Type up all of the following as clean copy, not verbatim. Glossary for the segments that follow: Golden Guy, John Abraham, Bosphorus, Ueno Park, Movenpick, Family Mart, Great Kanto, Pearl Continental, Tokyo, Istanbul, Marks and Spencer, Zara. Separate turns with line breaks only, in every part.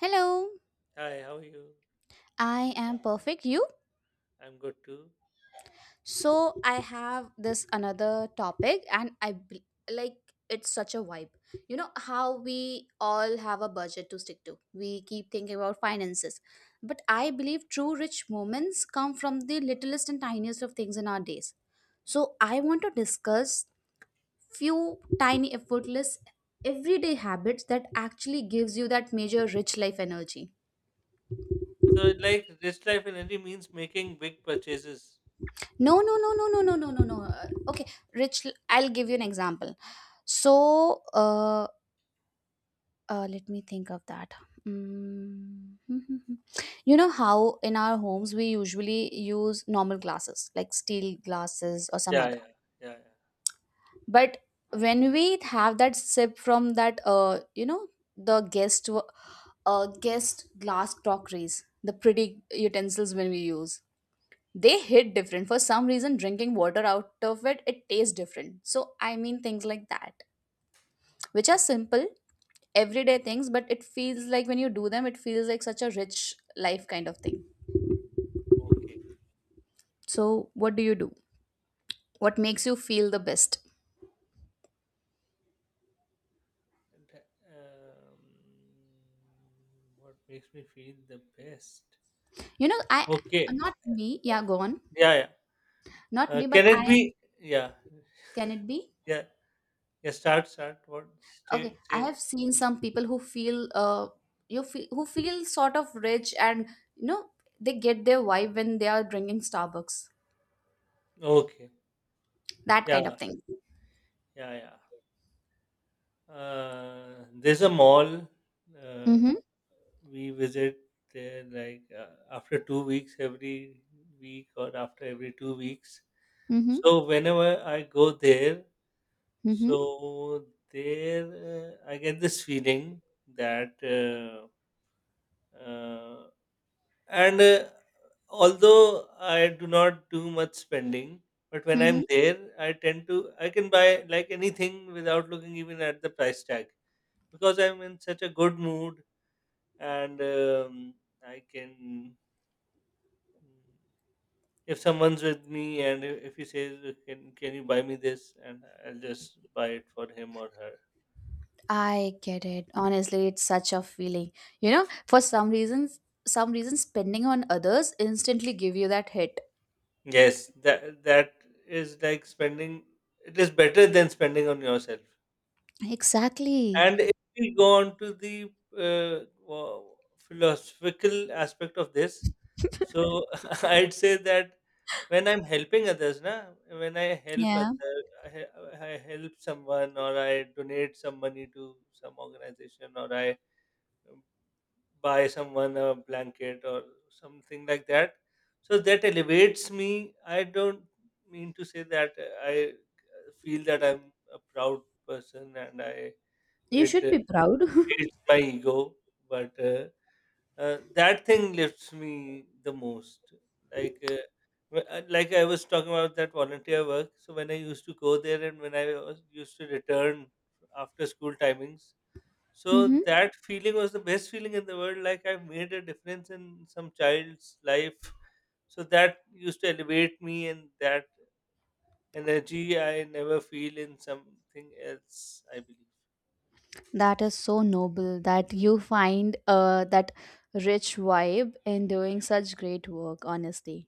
Hello,
Hi, how are you?
I am perfect. You?
I'm good too.
So I have this another topic, and like it's such a vibe. You know how we all have a budget to stick to. We keep thinking about finances, but I believe true rich moments come from the littlest and tiniest of things in our days. So I want to discuss few tiny, effortless, everyday habits that actually gives you that major rich life energy.
So, like rich life in India means making big purchases.
No, no, no, no, no, no, no, no, no. Okay, Rich, I'll give you an example. So, let me think of that. Mm. You know how in our homes we usually use normal glasses, like steel glasses or some
Yeah, yeah,
other.
yeah, yeah.
But when we have that sip from that, the guest glass crockeries, the pretty utensils when we use, they hit different. For some reason, drinking water out of it tastes different. So I mean things like that, which are simple everyday things, but it feels like when you do them, it feels like such a rich life kind of thing.
Okay.
So what do you do? What makes you feel the best?
And, Um, what makes me feel the best?
You know, I,
Okay.
not me. Yeah, go on.
Yeah, yeah.
Not me, but
Can it
I.
be? Yeah,
Can it be?
yeah, yeah. Start, start. What?
Okay,
Stay,
I
stay.
have seen some people who feel sort of rich, and you know, they get their vibe when they are drinking Starbucks,
Okay.
that kind
Yeah,
of thing.
yeah, yeah. There's a mall uh,
Mhm.
we visit there like after 2 weeks every week or after every 2 weeks.
Mm-hmm.
So whenever I go there,
Mm-hmm.
so there I get this feeling that, uh, and although I do not do much spending, but when I'm
Mm-hmm.
there, I tend to I can buy like anything without looking even at the price tag because I'm in such a good mood and I can if someone's with me, and if he says, can you buy me this, and I'll just buy it for him or her.
I get it. Honestly, it's such a feeling. You know, for some reasons, spending on others instantly give you that hit.
Yes, that is like spending. It is better than spending on yourself.
Exactly.
And if we go on to the philosophical aspect of this, so I'd say that when I'm helping others, na, when I help
Yeah.
other, I, he- I help someone or I donate some money to some organization, or I um, buy someone a blanket or something like that. So that elevates me. I don't mean to say that I feel that I'm a proud person and I
You
it
should be proud.
beats my ego, but that thing lifts me the most. Like, like I was talking about that volunteer work. So when I used to go there and when I was used to return after school timings, so
Mm-hmm.
that feeling was the best feeling in the world. Like I made a difference in some child's life. So that used to elevate me, and that energy I never feel in something else, I believe.
That is so noble that you find that rich vibe in doing such great work, honestly.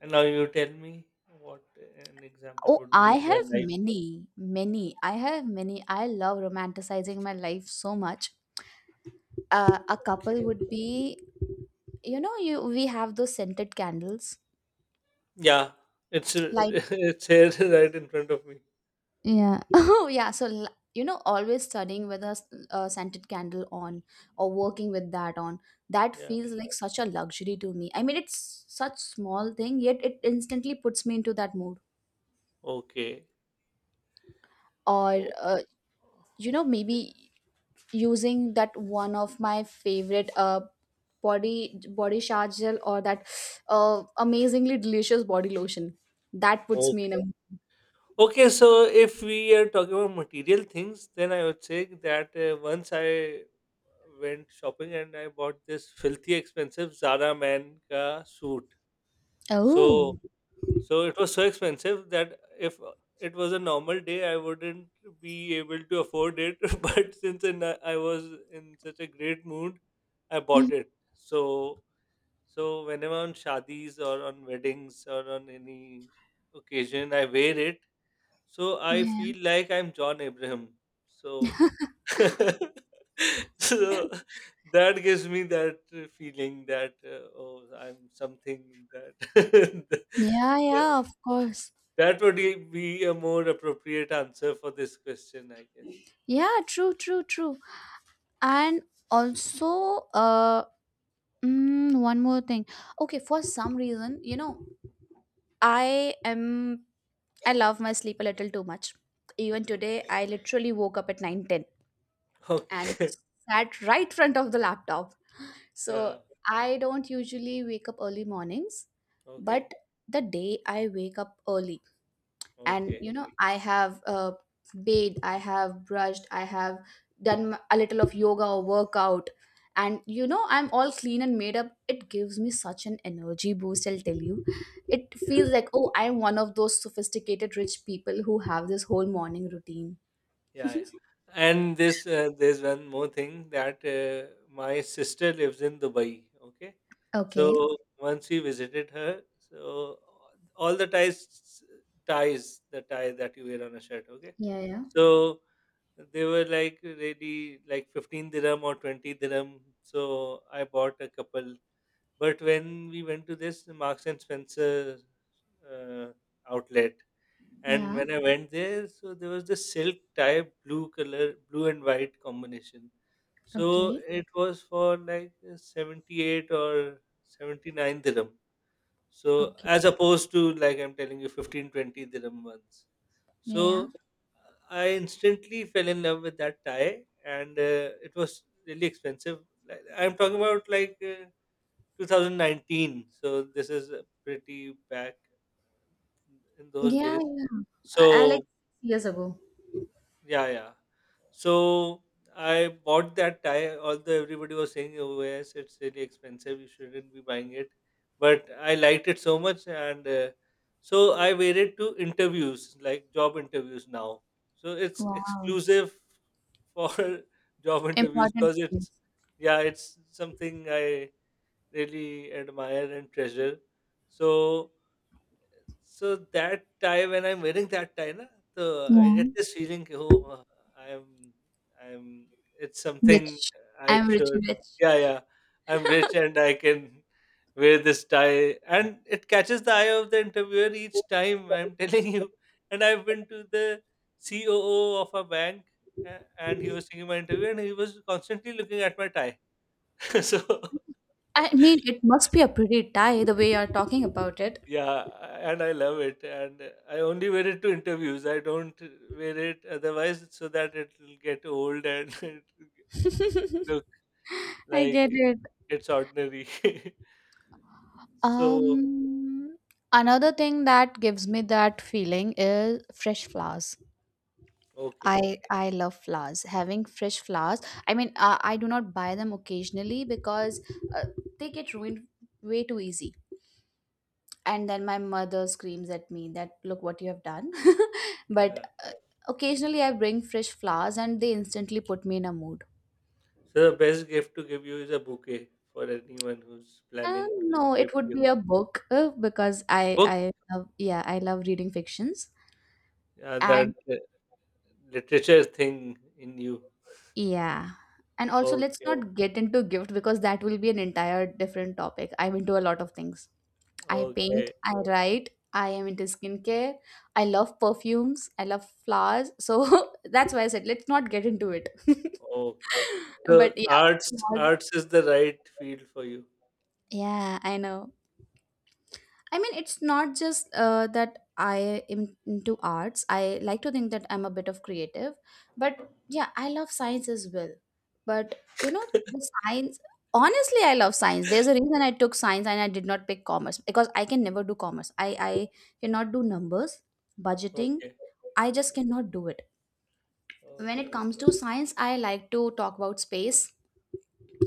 And now you tell me what an example
Oh,
would be
I
in your
have
life.
many, many. I have many. I love romanticizing my life so much. A couple
Okay.
would be, you know, you we have those scented candles,
Yeah, it's
light.
it's here right in front of me.
Yeah. Oh yeah, so you know, always studying with a scented candle on, or working with that on, that
Yeah.
feels like such a luxury to me. I mean, it's such small thing, yet it instantly puts me into that mood.
Okay.
Or
O-
you know, maybe using that one of my favorite body shower gel, or that amazingly delicious body lotion, that puts me
Okay.
in a.
Okay. So if we are talking about material things, then I would say that once I went shopping and I bought this filthy expensive Zara man ka suit. So
Oh.
So it was so expensive that if it was a normal day, I wouldn't be able to afford it. But since I was in such a great mood, I
Mhm.
bought it. So whenever on shadis or on weddings or on any occasion, I wear it. So I
Yeah,
feel like I'm John Abraham. So so that gives me that feeling that oh, I'm something that.
yeah, yeah, of course.
That would be a more appropriate answer for this question, I guess.
Yeah, true, true, true. And also, one more thing. Okay, for some reason, I am I love my sleep a little too much. Even today,
Okay.
I literally woke up at 9:10, and
Okay.
sat right front of the laptop. So
Yeah.
I don't usually wake up early mornings,
Okay.
but the day I wake up early and
Okay.
I have bathed, I have brushed, I have done a little of yoga or workout, and I'm all clean and made up, it gives me such an energy boost, I'll tell you. It feels
Yeah.
like, oh, I'm one of those sophisticated rich people who have this whole morning routine.
Yeah. Yeah. And there's one more thing that my sister lives in Dubai. Okay.
Okay.
So once we visited her, so all the ties, ties, the tie that you wear on a shirt. Okay.
Yeah, yeah.
So they were like really like 15 dirham or 20 dirham. So I bought a couple. But when we went to this Marks and Spencer uh, outlet, and
Yeah.
when I went there, so there was this silk tie, blue color, blue and white combination. So
Okay.
it was for like 78 or 79 dirham. So
Okay.
as opposed to like I'm telling you, 15, twenty, 20 dirham ones.
Yeah, yeah.
So I instantly fell in love with that tie, and it was really expensive. Like, I'm talking about like 2019. So this is pretty back in those
Yeah,
days.
yeah. I like
So
years ago.
yeah, yeah. So I bought that tie, although everybody was saying, "Oh yes, it's really expensive. You shouldn't be buying it." But I liked it so much, and so I wear it to interviews, like job interviews now. So it's
Wow.
exclusive for job interviews
Important
because it's
things.
yeah, it's something I really admire and treasure. So, so, that tie, when I'm wearing that tie, na, so I
Yeah.
get this feeling, ki, oh, I'm, I'm. It's something
Rich.
I
I'm rich,
should.
rich.
Yeah, yeah. I'm rich, and I can wear this tie, and it catches the eye of the interviewer each time, I'm telling you. And I've been to the COO of a bank, and he was taking my interview, and he was constantly looking at my tie. So.
I mean, it must be a pretty tie the way you're talking about it.
Yeah, and I love it. And I only wear it to interviews. I don't wear it otherwise, so that it will get old and it will look
I
like
get it.
it's ordinary. So,
Um, Another thing that gives me that feeling is fresh flowers.
okay,
I love flowers. Having fresh flowers. I mean, I do not buy them occasionally, because uh, they get ruined way too easy, and then my mother screams at me that look what you have done. But
yeah.
uh, occasionally I bring fresh flowers and they instantly put me in a mood.
So the best gift to give you is a bouquet for anyone who's planning to
No, it
gift
would
you
be a book, because i
book.
i love, yeah, I love reading fictions.
Yeah, that
And
literature thing in you.
yeah, and also, let's
Okay,
not get into gift, because that will be an entire different topic. I'm into a lot of things. I paint,
okay,
I write, I am into skincare, I love perfumes, I love flowers, so that's why I said let's not get into it.
okay. So
But yeah.
arts,
flaws-
arts is the right field for you.
yeah, I know. I mean, it's not just that I am into arts. I like to think that I'm a bit of creative, but yeah, I love science as well. But you know, the science, honestly, I love science. There's a reason I took science and I did not pick commerce, because I can never do commerce. I cannot do numbers, budgeting,
Okay.
I just
Okay.
cannot do it. When it
Okay.
comes to science, I like to talk about space,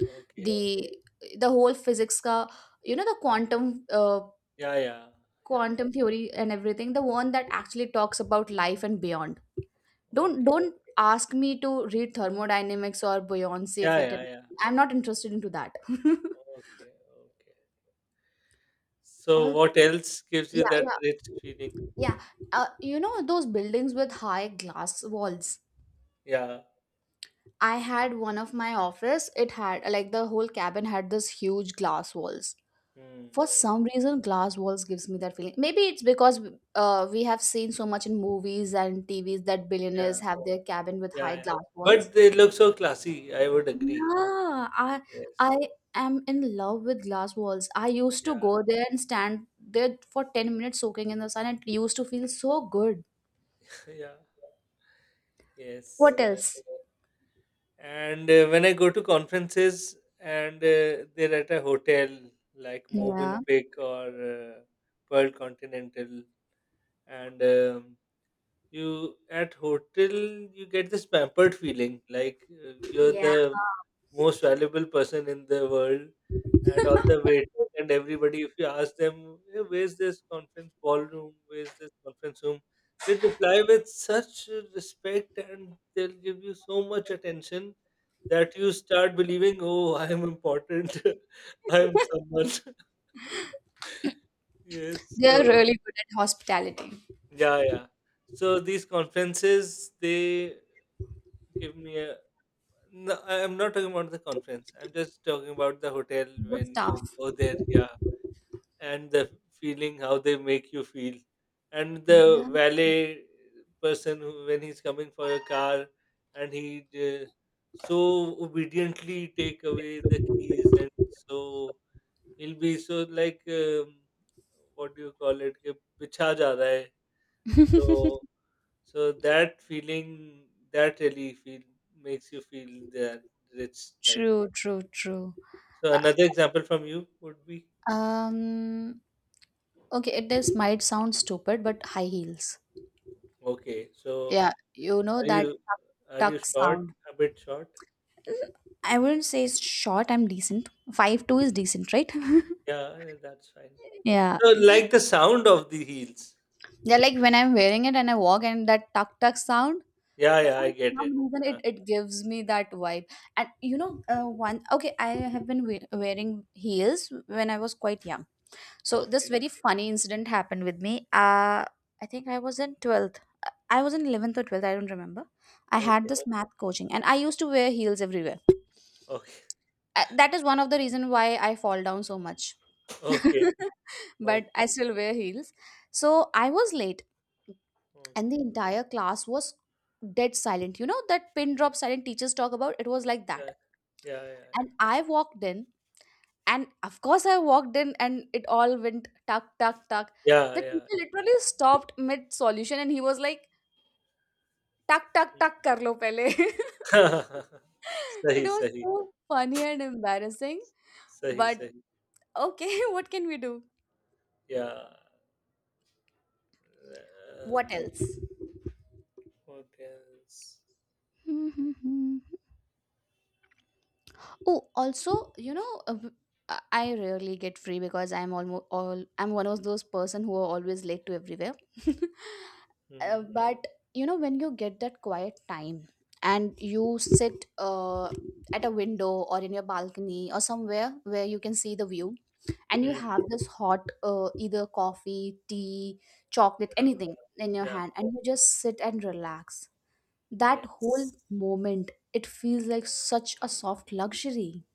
Okay.
the the whole physics ka, you know, the
Yeah, yeah. Yeah, yeah.
quantum theory and everything, the one that actually talks about life and beyond. don't
Okay.
don't ask me to read thermodynamics or buoyancy
Yeah,
effect
yeah, yeah.
everything. I'm not interested into that.
Okay. Okay. So
Also,
what else gives you
yeah,
that
yeah,
rich feeling?
yeah. You know those buildings with high glass walls?
Yeah.
I had one of my office, it had like the whole cabin had this huge glass walls.
Hmm.
For
Mm.
some reason, glass walls gives me that feeling. Maybe it's because we have seen so much in movies and TVs that
Yeah.
billionaires have their cabin with
Yeah,
high
yeah.
glass walls.
But they look so classy, I would agree.
Yeah, I
Yes.
am in love with glass walls. I used to go
Yeah.
there and stand there for 10 minutes, soaking in the sun, it used to feel so good.
Yeah. Yes.
What
Uh,
else?
and uh, when I go to conferences and they're at a hotel like
Yeah.
Movenpick or Pearl Continental, and you at hotel, you get this pampered feeling like you're
Yeah.
the most valuable person in the world, and all the waiters and everybody, if you ask them, "Hey, where's this conference ballroom, where's this conference room?" they reply with such respect, and they'll give you so much attention that you start believing, oh, I am important, I am someone. Yes,
They
so
are really good at hospitality.
yeah, yeah. So these conferences, they give me a. No, I'm not talking about the conference. I'm just talking about the hotel
The
when
staff.
you go there. Yeah, and the feeling, how they make you feel, and the
Yeah.
valet person who, when he's coming for a car, and he so obediently take away the keys, and so he'll be so like, what do you call it? कि बिछा जा रहा है. So so that feeling, that really feel makes you feel that rich life.
True, true, true.
So
Uh,
another example from you would be
um Okay, it is might sound stupid, but high heels.
okay. So
Yeah, you know
are
that
you
tuck,
are you
tuck
short?
sound.
A bit short?
Mm, I wouldn't say it's short. I'm decent. 5'2" is decent, right?
Yeah, that's fine.
Yeah.
So like the sound of the heels.
Yeah, like when I'm wearing it and I walk and that tuck tuck sound,
Yeah, yeah,
for
I get
some
it.
reason
Uh,
it gives me that vibe. And I have been wearing heels when I was quite young. So this
okay,
very funny incident happened with me. I think I was in 12th. I was in 11th or 12th, I don't remember. I had
okay,
this math coaching and I used to wear heels everywhere.
okay,
That is one of the reason why I fall down so much.
okay,
But
okay,
I still wear heels. So I was late, and the
okay.
entire class was dead silent. You know that pin drop silent teachers talk about? It was like that.
Yeah, yeah, yeah,
And I walked in, and of course I walked in and it all went tuck, tuck, tuck.
yeah,
The
yeah,
teacher
yeah.
literally stopped mid solution and he was like, टक टक
Yeah.
टक कर लो पहले. It
सही
was
सही
so funny and embarrassing,
सही
but
सही
okay, what can we do?
या
What else?
Hotels.
Hmm, hmm, hmm. Oh, also, you know, uh, w- I rarely get free, because I'm almost all I'm one of those person who are always late to everywhere.
Mm.
But you know, when you get that quiet time, and you sit at a window or in your balcony or somewhere where you can see the view, and you
Mm.
have this hot either coffee, tea, chocolate,
Yeah.
anything in your
Yeah.
hand, and you just sit and relax, that whole
Yes.
moment, it feels like such a soft luxury.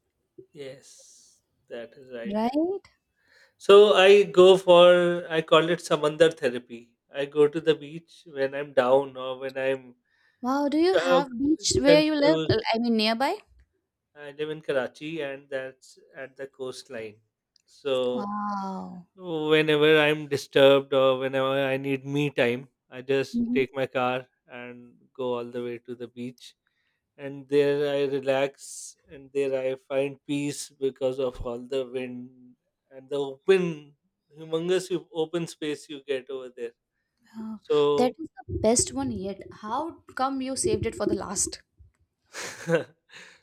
Yes. That is right.
Right.
So I go for I call it samandar therapy. I go to the beach when I'm down or when I'm
Wow, do you
uh,
have beach where you live?
confused.
I mean, nearby.
I live in Karachi, and that's at the coastline. So
Wow.
whenever I'm disturbed or whenever I need me time, I just
Mhm.
take my car and go all the way to the beach, and there I relax, and there I find peace because of all the wind and the open, humongous open space you get over there.
Wow. That
So,
is the best one yet, how come you saved it for the last?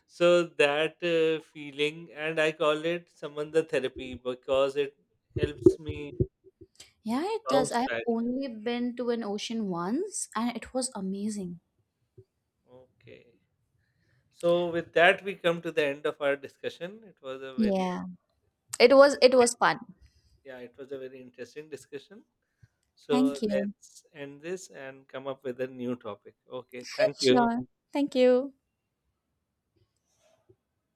that feeling, and I call it Samanda therapy because it helps me
Yeah, it does.
bounce
I've
back.
only been to an ocean once and it was amazing.
Okay. So with that, we come to the end of our discussion. It was a very
Yeah, it was it
interesting,
was fun.
yeah, it was a very interesting discussion. So
Thank you.
let's end this and come up with a new topic. Okay. Thank you.
Sure. Thank you.